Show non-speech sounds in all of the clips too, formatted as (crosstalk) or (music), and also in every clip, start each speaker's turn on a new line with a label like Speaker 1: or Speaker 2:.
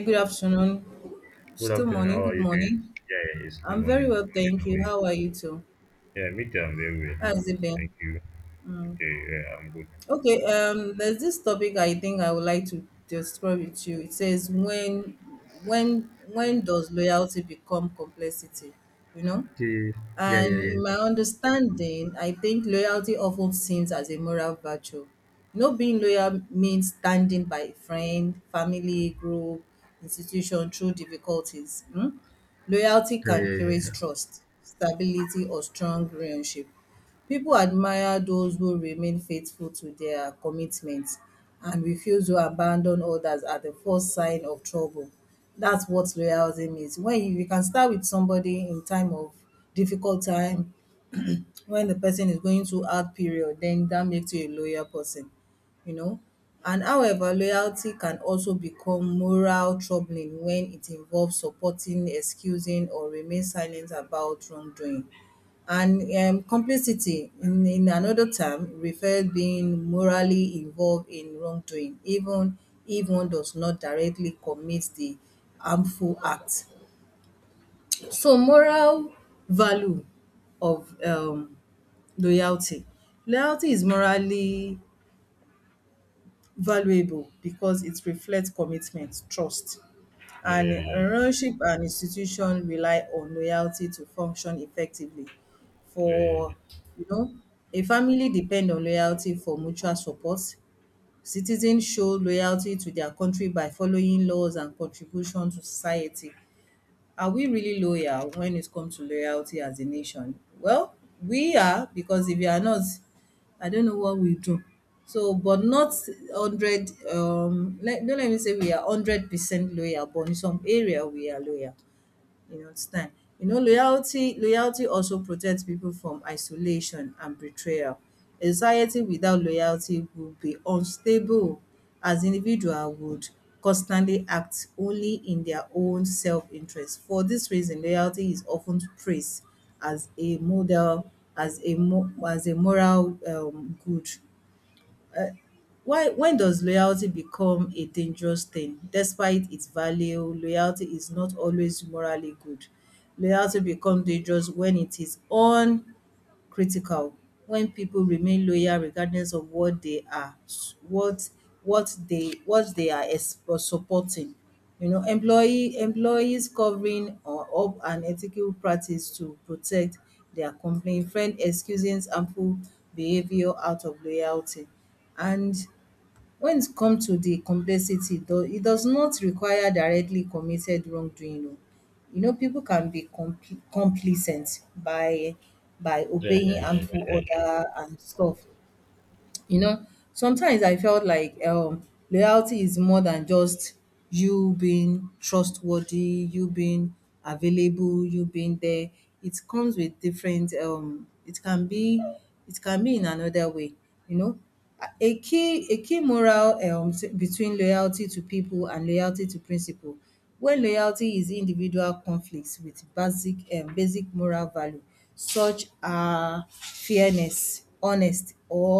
Speaker 1: Good afternoon.
Speaker 2: Good
Speaker 1: Still
Speaker 2: afternoon.
Speaker 1: morning.
Speaker 2: How are
Speaker 1: Good
Speaker 2: you doing?
Speaker 1: morning.
Speaker 2: Yeah, yeah, it's still
Speaker 1: I'm very
Speaker 2: morning.
Speaker 1: well,
Speaker 2: Morning.
Speaker 1: thank
Speaker 2: How are
Speaker 1: you.
Speaker 2: you?
Speaker 1: How are you too?
Speaker 2: Yeah, me too. I'm very well.
Speaker 1: How's it been?
Speaker 2: Thank you.
Speaker 1: Mm.
Speaker 2: Okay. Yeah, I'm good.
Speaker 1: Okay. There's this topic I think I would like to describe it to you. It says when does loyalty become complexity? You know.
Speaker 2: Yeah, yeah, yeah,
Speaker 1: And in my
Speaker 2: yes.
Speaker 1: understanding, I think loyalty often seems as a moral virtue. You know, being loyal means standing by a friend, family, group, institution through difficulties. Mm? Loyalty
Speaker 2: Yeah,
Speaker 1: can
Speaker 2: yeah,
Speaker 1: create
Speaker 2: yeah,
Speaker 1: trust, stability, or strong relationship. People admire those who remain faithful to their commitments and refuse to abandon others at the first sign of trouble. That's what loyalty means. When you can start with somebody in time of difficult time when the person is going through hard period, then that makes you a loyal person, you know. And however, loyalty can also become moral troubling when it involves supporting, excusing, or remain silent about wrongdoing. And complicity, in another term, refers being morally involved in wrongdoing, even if one does not directly commit the harmful act. So moral value of loyalty. Loyalty is morally valuable because it reflects commitment, trust,
Speaker 2: yeah. Yeah,
Speaker 1: and
Speaker 2: yeah,
Speaker 1: a
Speaker 2: yeah,
Speaker 1: relationship and institution rely on loyalty to function effectively.
Speaker 2: yeah,
Speaker 1: For you know, a family depend on loyalty for mutual support. Citizens show loyalty to their country by following laws and contribution to society. Are we really loyal when it comes to loyalty as a nation? Well, we are because if we are not, I don't know what we do. So, but not hundred. Don't let me say we are 100% loyal, but in some area we are loyal. You understand? You know, loyalty also protects people from isolation and betrayal. A society without loyalty would be unstable as individual would constantly act only in their own self-interest. For this reason, loyalty is often praised as a model, as a as a moral good why when does loyalty become a dangerous thing? Despite its value, loyalty is not always morally good. Loyalty becomes dangerous when it is uncritical, when people remain loyal regardless of what they are, what what they are supporting. You know, employees covering or up an ethical practice to protect their company, friend excusing harmful behavior out of loyalty. And when it comes to the complexity, though, it does not require directly committed wrongdoing. Oh. You know, people can be complacent by
Speaker 2: yeah, yeah,
Speaker 1: obeying
Speaker 2: yeah, yeah, yeah,
Speaker 1: harmful
Speaker 2: yeah, yeah,
Speaker 1: order and stuff. You know, sometimes I felt like loyalty is more than just you being trustworthy, you being available, you being there. It comes with different it can be, it can be in another way, you know, a key moral between loyalty to people and loyalty to principle. When loyalty is individual conflict with basic moral value such are fairness, honest, or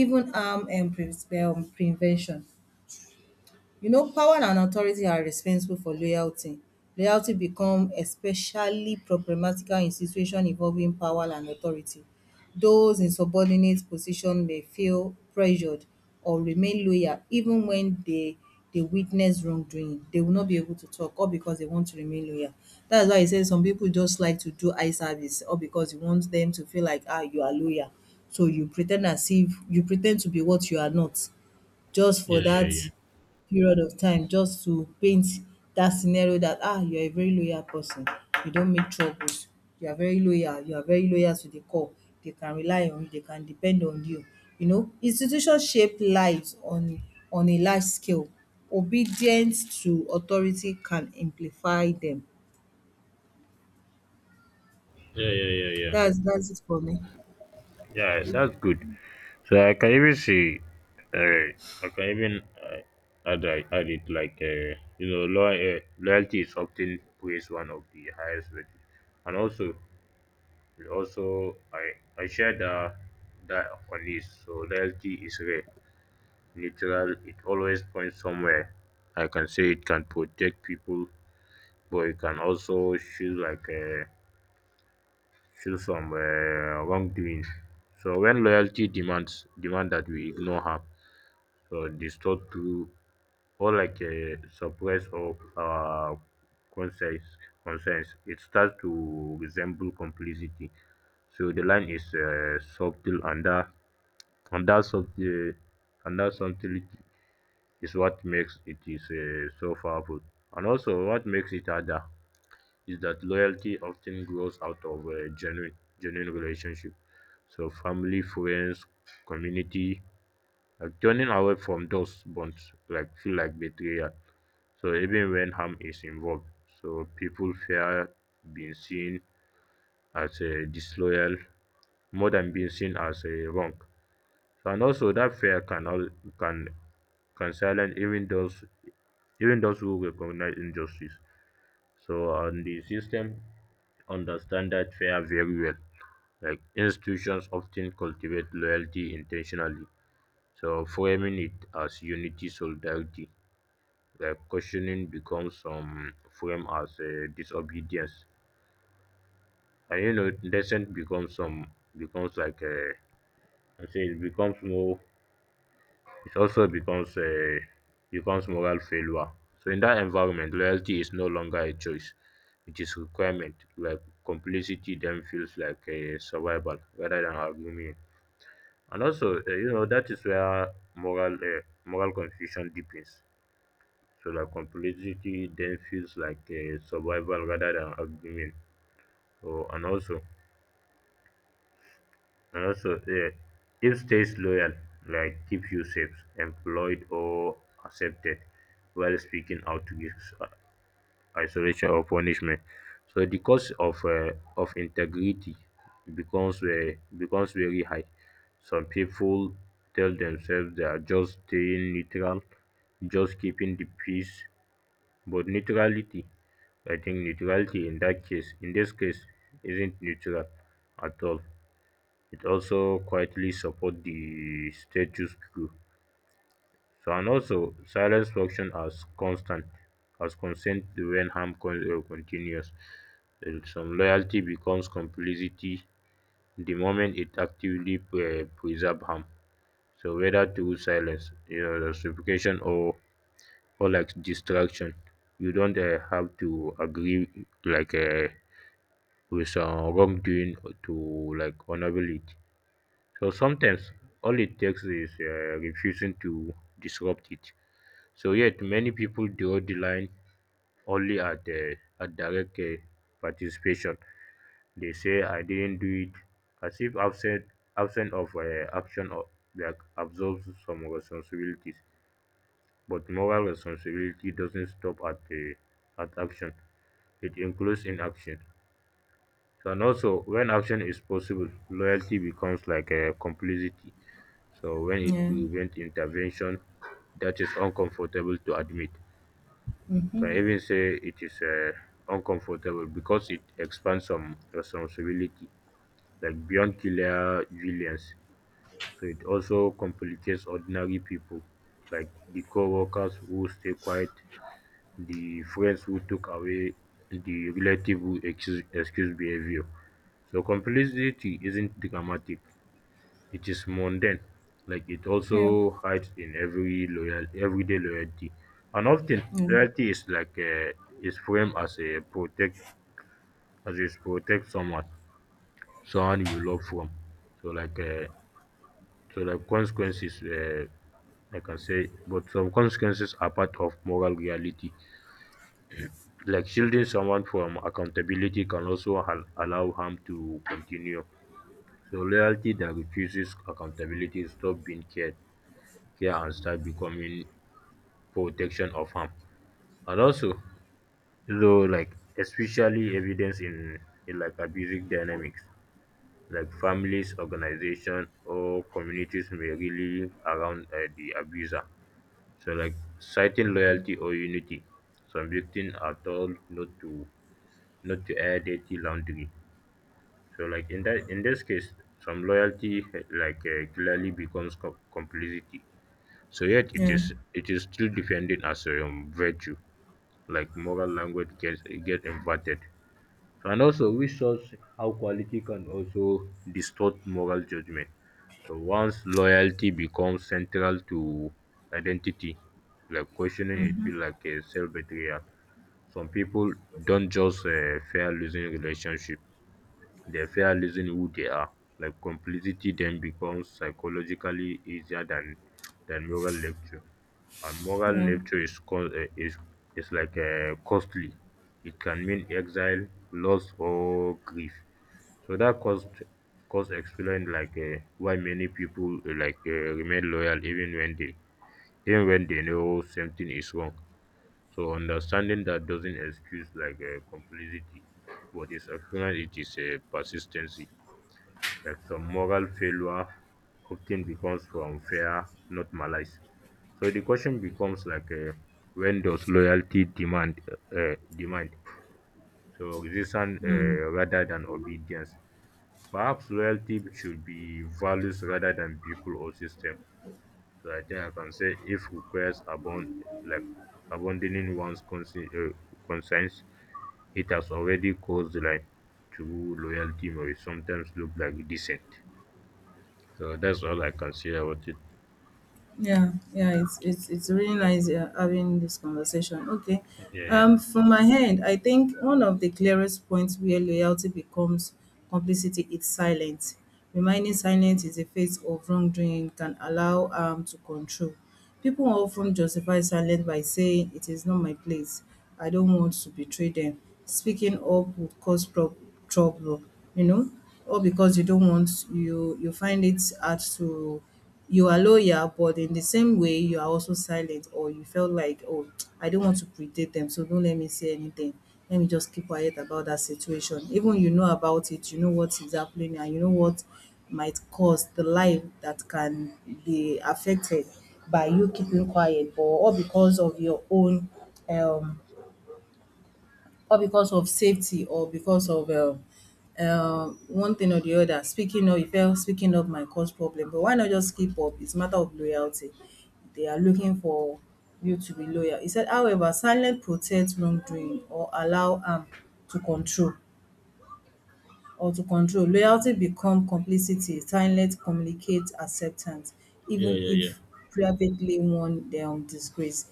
Speaker 1: even prevention. You know, power and authority are responsible for loyalty. Loyalty become especially problematical in situation involving power and authority. Those in subordinate position may feel pressured or remain loyal even when they dey witness wrongdoing. They will not be able to talk all because they want to remain loyal. Dat is why e say some pipu just like to do eye service all because you want dem to feel like, “Ah, you are loyal.” So you pre ten d as if you pre ten d to be what you are not. Just for
Speaker 2: yeah, yeah,
Speaker 1: that period of time, just to paint that scenario that, "Ah, you are a very loyal person. You don't make troubles. You are very loyal. You are very loyal to the core. They can rely on you. They can depend on you." You know, institution shape lives on a large scale. Obedience to authority can amplify them.
Speaker 2: yeah, yeah, yeah.
Speaker 1: That's it for me.
Speaker 2: Yeah, that's good. So I can even see. Uh, I can even add it like loyalty is often praised one of the highest virtues, and also We also I share that on this. So loyalty is rare, neutral. It always points somewhere. I can say it can protect people, but it can also feel like a feel some wrongdoings. So when loyalty demand that we ignore harm, so distort to or like suppress or concerns, it starts to resemble complicity. So the line is subtle and that subtle eh, and that subtlety is what makes it is so powerful, and also what makes it harder is that loyalty often grows out of a genuine relationship. So family, friends, community, like turning away from those bonds like feel like betrayal. So even when harm is involved, so people fear being seen as a disloyal more than being seen as a wrong. So and also that fear can all can can silence even those who recognize injustice. So and the system understand that fear very well. Like institutions often cultivate loyalty intentionally, so framing it as unity solidarity, like questioning becomes frame as disobedience, and you know dissent becomes like a I say it becomes more It also becomes moral failure. So in that environment, loyalty is no longer a choice. It is requirement. Like complicity then feels like a survival rather than her meaning. And also, that is where moral confusion deepens. So like complicity then feels like a survival rather than argument. So, And also, uh, if stays loyal, like keep you safe, employed, or accepted, while speaking out gives isolation or punishment. So the cost of integrity becomes very high. Some people tell themselves they are just staying neutral, just keeping the peace. But neutrality, I think neutrality in that case, in this case, isn't neutral at all. It also quietly supports the status quo. So and also silence function as constant as consent when continues. Some loyalty becomes complicity the moment it actively preserve harm. So whether through silence, justification or like distraction, you don't have to agree like with some wrongdoing to like honorable it. So sometimes all it takes is refusing to disrupt it. So yet many people draw the line only at direct participation. They say I didn't do it, as if absent of action or like absorbs some responsibilities. But moral responsibility doesn't stop at action. It includes inaction. So and also when action is possible, loyalty becomes like a complicity. So when it
Speaker 1: Yeah.
Speaker 2: prevents intervention, that is uncomfortable to admit. You can even say it is uncomfortable because it expands some responsibility, like beyond killer villains. So it also complicates ordinary people, like the co-workers who stay quiet, the friends who took away, the relative who excuse behavior. So complicity isn't dramatic. It is mundane, like it
Speaker 1: Yeah.
Speaker 2: also hides in every loyal everyday loyalty. And often
Speaker 1: Yeah.
Speaker 2: loyalty is like is framed as a protect as is protect someone you love from so like so like consequences I can say, but some consequences are part of moral reality. (clears throat) like shielding someone from accountability can also allow harm to continue, so loyalty that refuses accountability stop being care and start becoming protection of harm. And also, so like especially evidence in like abusive dynamics, like families, organization, or communities may really around the abuser. So like citing loyalty or unity, some victims are told not to air dirty laundry. So like in this case, some loyalty like clearly becomes complicity. So yet it
Speaker 1: Yeah.
Speaker 2: is it is still defended as a virtue. Like moral language get inverted. So and also, we shows how quality can also distort moral judgment. So once loyalty becomes central to identity, like questioning it feel like a self betrayal. Some people don't just fear losing relationship; they fear losing who they are. Like complicity then becomes psychologically easier than moral lecture, and moral
Speaker 1: Yeah.
Speaker 2: lecture is co- is like costly. It can mean exile, loss, or grief. So that cost explained like why many people like remain loyal even when they know something is wrong. So understanding that doesn't excuse like complicity. What is acknowledged, it is a persistency, like some moral failure often becomes from fear, not malice. So the question becomes like, when does loyalty demand? So resistance rather than obedience. Perhaps loyalty should be values rather than people or system. So I think I can say if requires abound like abandoning one's concerns, it has already caused like true loyalty may sometimes look like decent. So that's all I can say about it.
Speaker 1: Yeah, yeah, it's really nice having this conversation. Okay,
Speaker 2: Yeah, yeah.
Speaker 1: from my end, I think one of the clearest points where loyalty becomes complicity is silence. Remaining silent is a face of wrongdoing can allow to control. People often justify silence by saying it is not my place, I don't want to betray them. Speaking up would cause prob trouble, you know, or because you don't want, you find it hard to, you are loyal, but in the same way you are also silent, or you felt like, oh, I don't want to predate them, so don't let me say anything. Let me just keep quiet about that situation. Even you know about it, you know what is happening and you know what might cause the life that can be affected by you keeping quiet or all because of your own um all because of safety or because of one thing or the other. Speaking up, you felt speaking up might cause problem, but why not just keep up? It's a matter of loyalty. They are looking for you to be loyal. He said, however, silence protects wrongdoing or allow harm to control, or to control, loyalty become complicity, silent communicate acceptance,
Speaker 2: Yeah,
Speaker 1: even
Speaker 2: yeah,
Speaker 1: if
Speaker 2: yeah.
Speaker 1: privately one disgrace.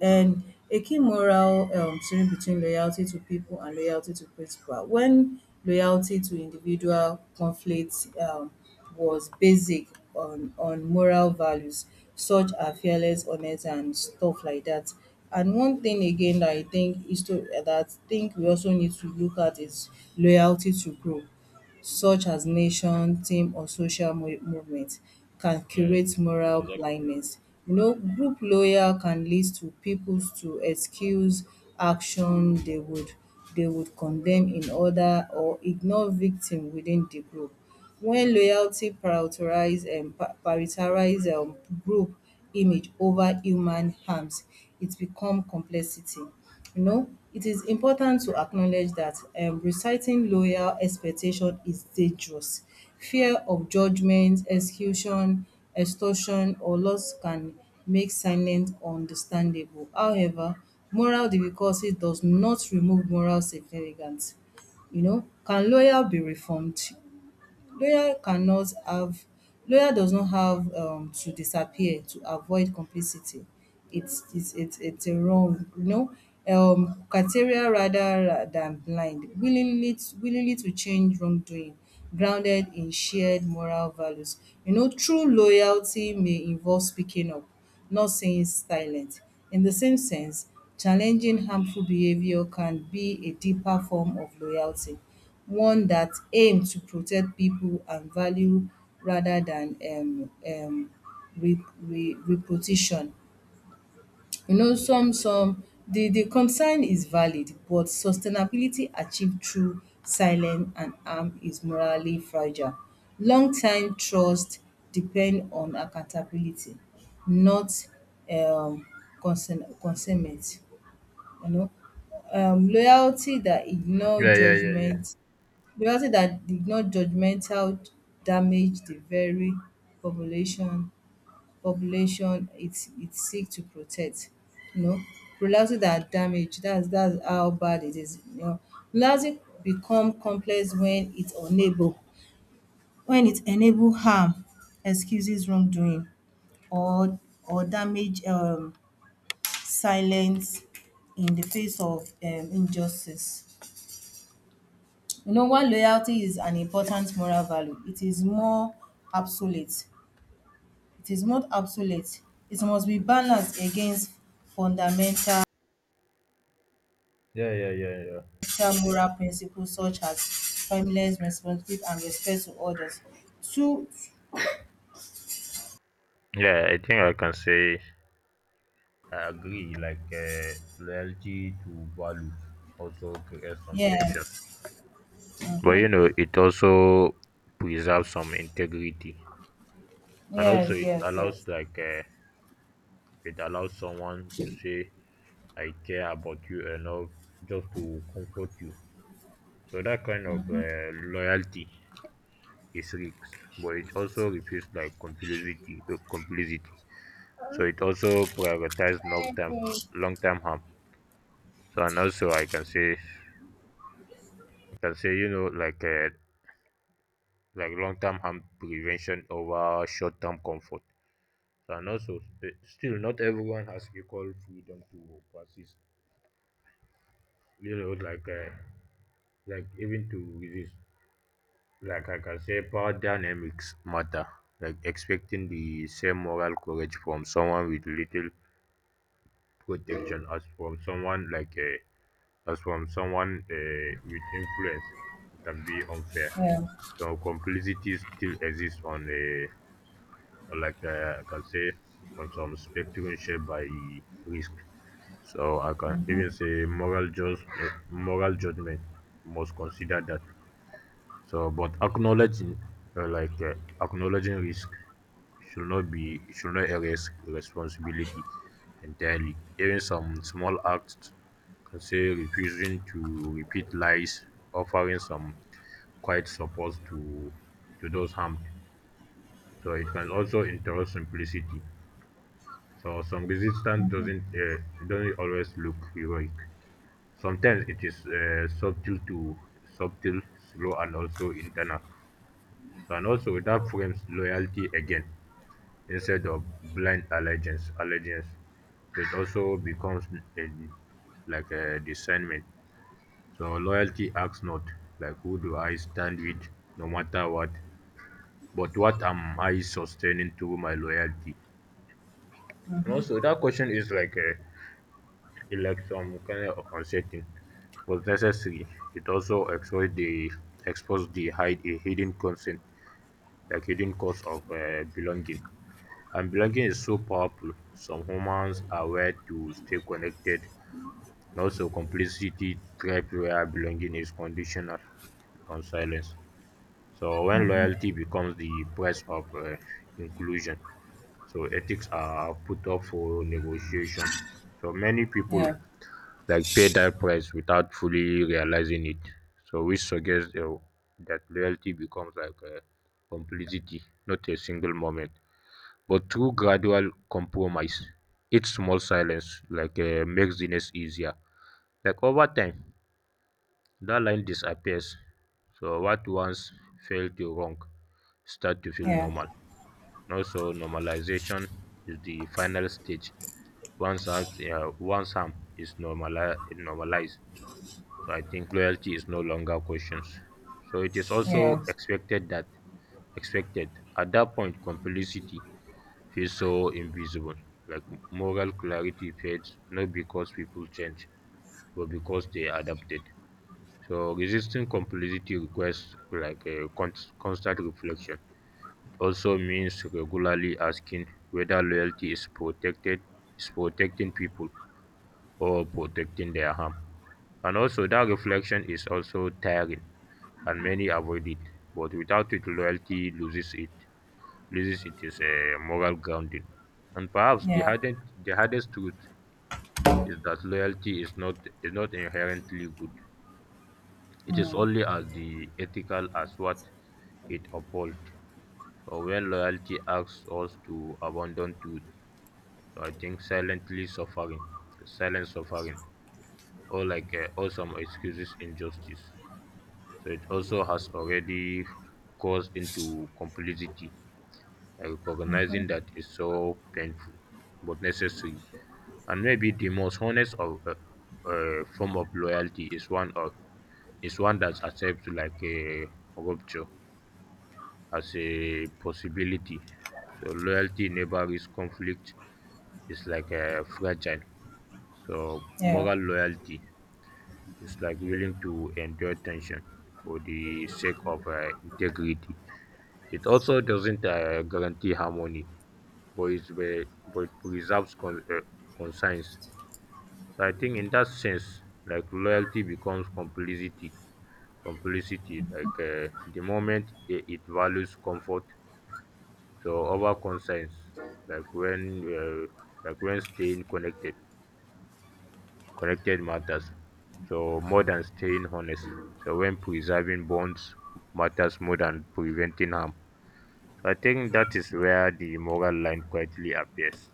Speaker 1: And a key moral sharing between loyalty to people and loyalty to principle. When loyalty to individual conflicts was basic on moral values such as fearless, honest, and stuff like that. And one thing again that I think is to that I think we also need to look at is loyalty to group, such as nation, team, or social movement, can
Speaker 2: Yeah,
Speaker 1: curate moral
Speaker 2: exactly.
Speaker 1: blindness. You know, group loyal can lead to people to excuse action they would condemn in order or ignore victim within the group when loyalty prioritize group image over human harms. It become complexity. You know, it is important to acknowledge that reciting loyal expectation is dangerous. Fear of judgment, execution, extortion, or loss can make silence understandable. However, moral difficulty does not remove moral significance. You know, can loyal be reformed? Lawyer cannot have Lawyer does not have to disappear to avoid complicity. It's a wrong, you know. Criteria rather than blind, willingly to change wrongdoing, grounded in shared moral values. You know, true loyalty may involve speaking up, not saying silent. In the same sense, challenging harmful behavior can be a deeper form of loyalty, one that aim to protect people and value rather than re re reputation. You know, some the concern is valid, but sustainability achieved through silence and harm is morally fragile. Long time trust depend on accountability, not um consentment, you know. Loyalty that ignore
Speaker 2: Yeah, yeah, yeah, yeah.
Speaker 1: judgement, bureaucracy that did not judgmental, damage the very population population it seek to protect. You know, bureaucracy that damage, that's how bad it is. You know, bureaucracy become complex when it unable, when it enable harm, excuses wrongdoing, or or damage silence in the face of injustice. You know, while loyalty is an important moral value, it is more absolute. It is not absolute. It must be balanced against fundamental
Speaker 2: Yeah, yeah, yeah, yeah.
Speaker 1: moral principles such as timeless responsibility and respect to others. Two,
Speaker 2: Yeah, I think I can say I agree. Like loyalty to values also creates some
Speaker 1: yeah,
Speaker 2: tensions, but you
Speaker 1: mhm.
Speaker 2: know it also preserves some integrity. And also
Speaker 1: Yes,
Speaker 2: it
Speaker 1: yes, yes,
Speaker 2: allows like uh, it allows someone to say I care about you enough just to comfort you. So that kind of loyalty is risks but it also refutes like complicity, so it also prioritizes long term harm. So and also I can say like long term harm prevention over short term comfort. And also still not everyone has equal freedom to persist, you know, like even to resist, like I can say power dynamics matter, like expecting the same moral courage from someone with little protection as from someone with influence can be unfair.
Speaker 1: yeah,
Speaker 2: So complicity still exists on a I can say from some perspective shaped by risk. So I can even say moral judgment must consider that. So, but uh, like uh, acknowledging risk should not erase responsibility entirely. Even some small acts can say refusing to repeat lies, offering some quiet support to those harmed. So it can also interrupt simplicity. So some resistance doesn't always look heroic. Sometimes it is subtle, slow, and also internal. So and also that frames loyalty again instead of blind Allegiance. So it also becomes a, like a discernment. So loyalty acts not like who do I stand with, no matter what, but what am I sustaining through my loyalty? And also that question is like a it election consenting but necessary, it also exposed the hide a hidden consent, like hidden cause of belonging. And belonging is so powerful. Some humans are wired to stay connected, and also complicity trap where belonging is conditional on silence. So when loyalty becomes the price of inclusion, so ethics are put up for negotiation. So many people
Speaker 1: yeah,
Speaker 2: like pay that price without fully realizing it. So which suggests that loyalty becomes like a complicity, not a single moment, but through gradual compromise. Each small silence like makes the next easier. Like over time, that line disappears. So what once felt you wrong start to feel
Speaker 1: yeah,
Speaker 2: normal. Also, normalization is the final stage. Once harm, yeah, once harm is normalized, so I think loyalty is no longer questions. So it is also
Speaker 1: yeah,
Speaker 2: expected at that point complicity feels so invisible. Like moral clarity fades not because people change, but because they adapted. So resisting complicity requires like a constant reflection. It also means regularly asking whether loyalty is protecting people or protecting their harm. And also that reflection is also tiring and many avoid it. But without it loyalty loses it is a moral grounding. And perhaps
Speaker 1: yeah,
Speaker 2: the hardest truth is that loyalty is not inherently good. It is
Speaker 1: mm,
Speaker 2: only as the ethical as what it upholds. So when loyalty asks us to abandon truth, so I think silent suffering, or some excuses injustice. So it also has already caused into complicity, recognizing that it's so painful but necessary. And maybe the most honest form of loyalty is one of is one that accepts like a rupture as a possibility. So loyalty never risk conflict is like a fragile. So
Speaker 1: yeah.
Speaker 2: moral loyalty is like willing to endure tension for the sake of integrity. It also doesn't guarantee harmony, but, but it preserves conscience. So I think in that sense, like loyalty becomes complicity. Complicity, the moment it values comfort. So other concerns, like when uh, like when staying connected matters. So more than staying honest. So when preserving bonds matters more than preventing harm. So, I think that is where the moral line quietly appears.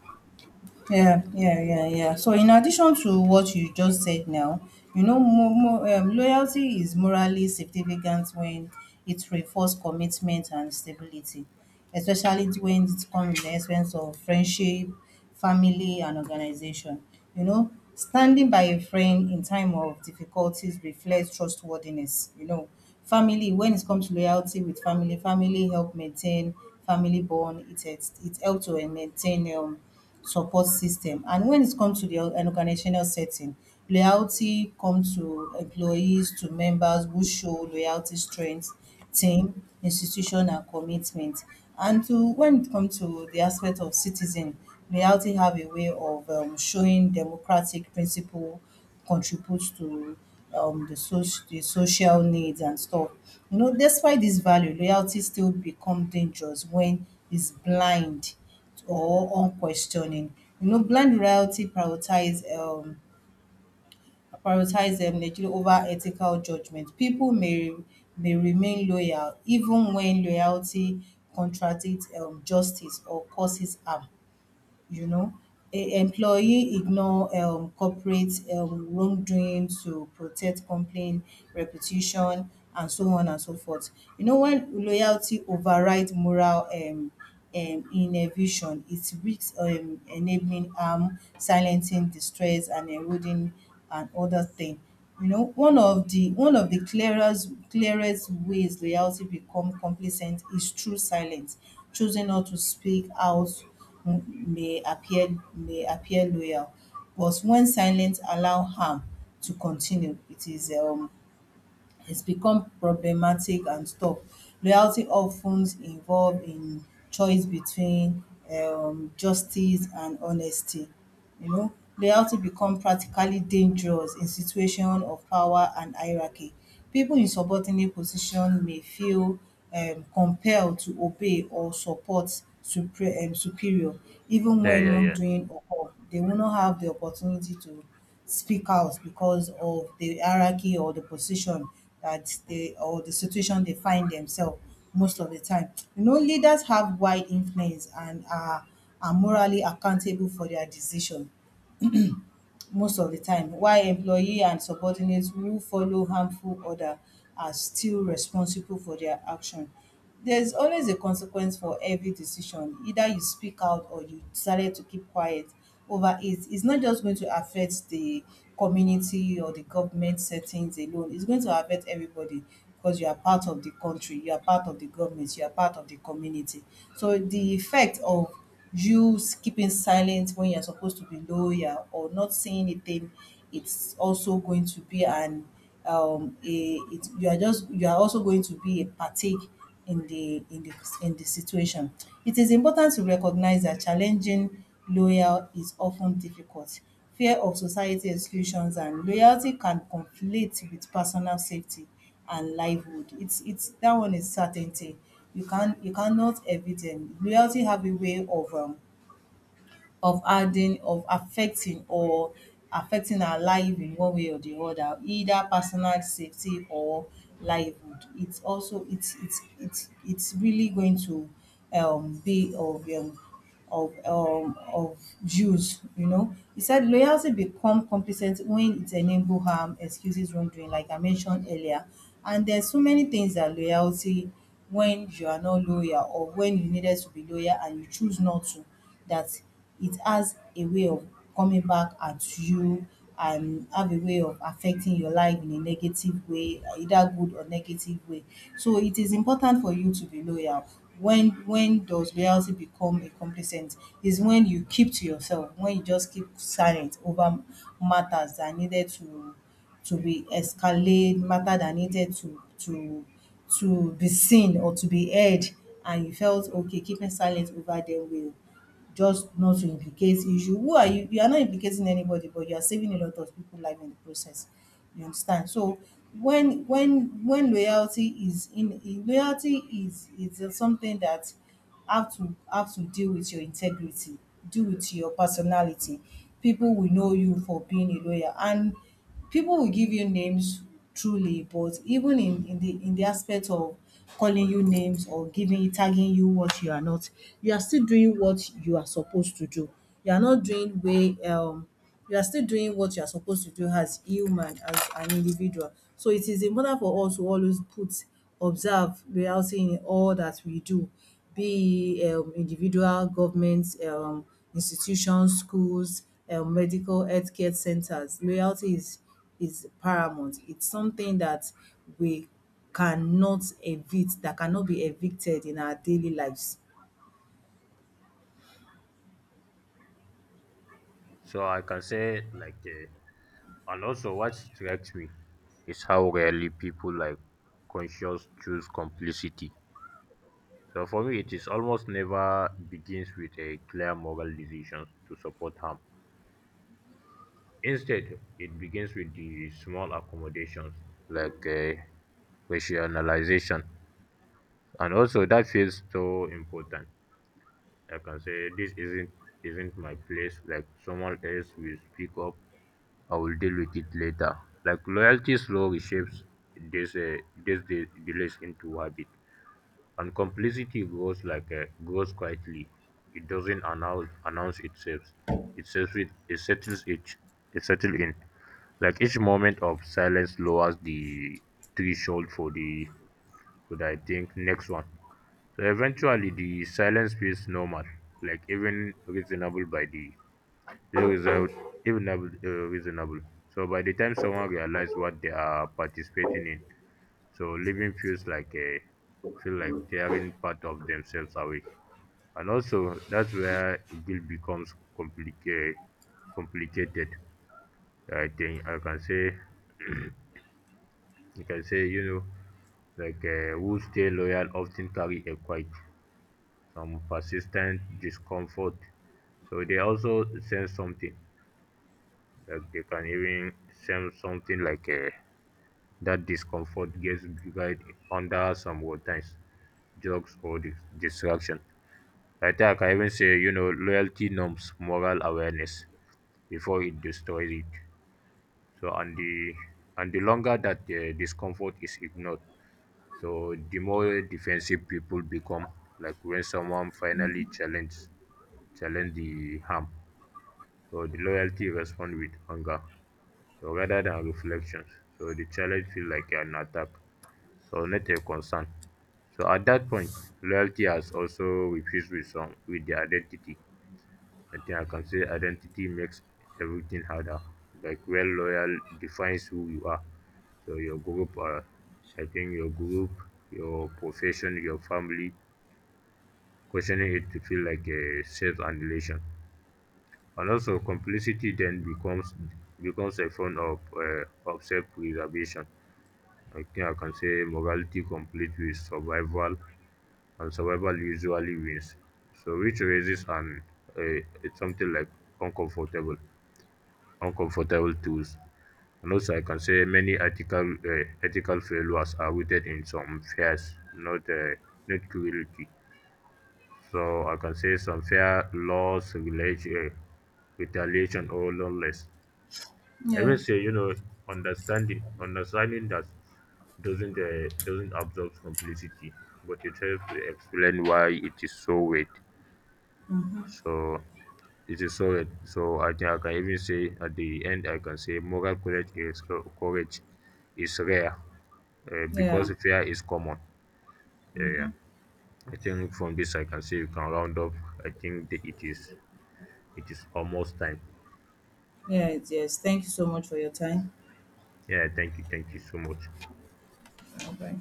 Speaker 1: Yeah, yeah, yeah, yeah. So in addition to what you just said now, you know, mo mo loyalty is morally significant when it reinforces commitment and stability, especially when it comes with the essence of friendship, family, and organization. You know, standing by a friend in time of difficulties reflects trustworthiness. You know, family, when it comes to loyalty with family, family help maintain family bond. It helps to maintain support system. And when it comes to the an organizational setting, loyalty comes to employees, to members who show loyalty, strength, team, institution, and commitment. And to when it comes to the aspect of citizen, loyalty have a way of showing democratic principle contributes to the, the social needs and stuff. You know, despite this value, loyalty still become dangerous when it's blind or unquestioning. You know, blind loyalty prioritize Nigeria over ethical judgment. People May remain loyal even when loyalty contradicts justice or causes harm, you know. A employee ignore corporate wrongdoing to protect company reputation and so on and so forth. You know, when loyalty override moral innovation, it risks enabling harm, silencing distress, and eroding and other thing. You know, one of the clearest ways loyalty become complacent is through silence. Choosing not to speak out may appear may appear loyal, but when silence allow harm to continue, it is has become problematic and tough. Loyalty often involved in choice between justice and honesty. You know, loyalty become practically dangerous in situation of power and hierarchy. People in subordinate position may feel compelled to obey or support superior even
Speaker 2: Yeah,
Speaker 1: when
Speaker 2: yeah, yeah.
Speaker 1: wrongdoing occur. They will not have the opportunity to speak out because of the hierarchy or the position that they or the situation they find themselves most of the time. You know, leaders have wide influence and are morally accountable for their decision most of the time, while employee and subordinates who follow harmful order are still responsible for their action. There's always a consequence for every decision. Either you speak out or you decided to keep quiet over it. It's not just going to affect the community or the government settings alone. It's going to affect everybody because you are part of the country, you are part of the government, you are part of the community. So the effect of keeping silent when you're supposed to be loyal or not saying anything, it's also going to be an you are just you are also going to be a partake in the in the situation. It is important to recognize that challenging loyal is often difficult, fear of society exclusions, and loyalty can conflict with personal safety and livelihood. It's that one is certainty. You cannot evict them. Reality have a way of of adding of affecting or affecting our life in one way or the other, either personal safety or livelihood. It's also it's really going to be of use, you know. He said loyalty become complacent when it enable harm, excuses wrongdoing, like I mentioned earlier. And there's so many things that loyalty, when you are not loyal or when you needed to be loyal and you choose not to, that it has a way of coming back at you and have a way of affecting your life in a negative way, either good or negative way. So it is important for you to be loyal. When does loyalty become a complacent? Is when you keep to yourself, when you just keep silent over matters that needed to be escalate, matter that needed to be seen or to be heard, and you felt okay keeping silent over them, will just not to implicate issue. Who are you? You are not implicating anybody, but you are saving a lot of people life in the process. You understand? So when loyalty is in loyalty is something that have to deal with your integrity, deal with your personality. People will know you for being a lawyer and people will give you names truly, but even in the aspect of calling you names or giving you tagging you what you are not, you are still doing what you are supposed to do. You are not doing way you are still doing what you are supposed to do as human, as an individual. So it is important for us to always put observe loyalty in all that we do, be individual government institutions, schools, medical healthcare centers. Loyalty is paramount. It's something that we cannot evict, that cannot be evicted in our daily lives.
Speaker 2: So I can say and also what strikes me is how rarely people like conscious choose complicity. So for me, it is almost never begins with a clear moral decision to support harm. Instead, it begins with the small accommodations like uh, rationalization, and also that feels so important. I can say this isn't my place. Like someone else will speak up. I will deal with it later. Like loyalty slowly shapes this delays into habit. And complicity grows like grows quietly. It doesn't announce itself. It settles it, it settles it, it settles in. Like each moment of silence lowers the threshold for the I think next one. So eventually the silence feels normal, like even reasonable by the reasonable, even reasonable. So by the time someone realizes what they are participating in, so living feels like a feel like tearing part of themselves away. And also that's where guilt becomes complicated. I think I can say (clears throat) you can say, you know, who stay loyal often carry a quite some persistent discomfort, so they also sense something, like they can even sense something like a. That discomfort gets buried under some old times, drugs or distraction. Like that, I can even say, you know, loyalty norms moral awareness before it destroys it. So, and the longer that the discomfort is ignored, so the more defensive people become. Like when someone finally challenge the harm, so the loyalty responds with anger, so rather than reflections. So the challenge feels like an attack. So not a concern. So at that point, loyalty has also refused with the identity. I think I can say identity makes everything harder. Like well loyal defines who you are. So your group, your profession, your family, questioning it to feel like a self annihilation. And also complicity then becomes a form of self preservation. I think I can say morality complete with survival and survival usually wins. So which raises an uh, it's something like uncomfortable, uncomfortable tools. And also, I can say many ethical ethical failures are rooted in some fears, not cruelty. So I can say some fear, loss, retaliation, or loneliness. I
Speaker 1: Yeah.
Speaker 2: even say, you know, understanding that doesn't absorb complicity, but it helps to explain why it is so weight. So it is so, so I can even say at the end I can say moral courage is rare,
Speaker 1: Yeah.
Speaker 2: because fear is common. Yeah. I think from this I can say you can round up. I think that it is almost time.
Speaker 1: Yeah. Yes, thank you so much for your time.
Speaker 2: Yeah, thank you so much.
Speaker 1: Okay.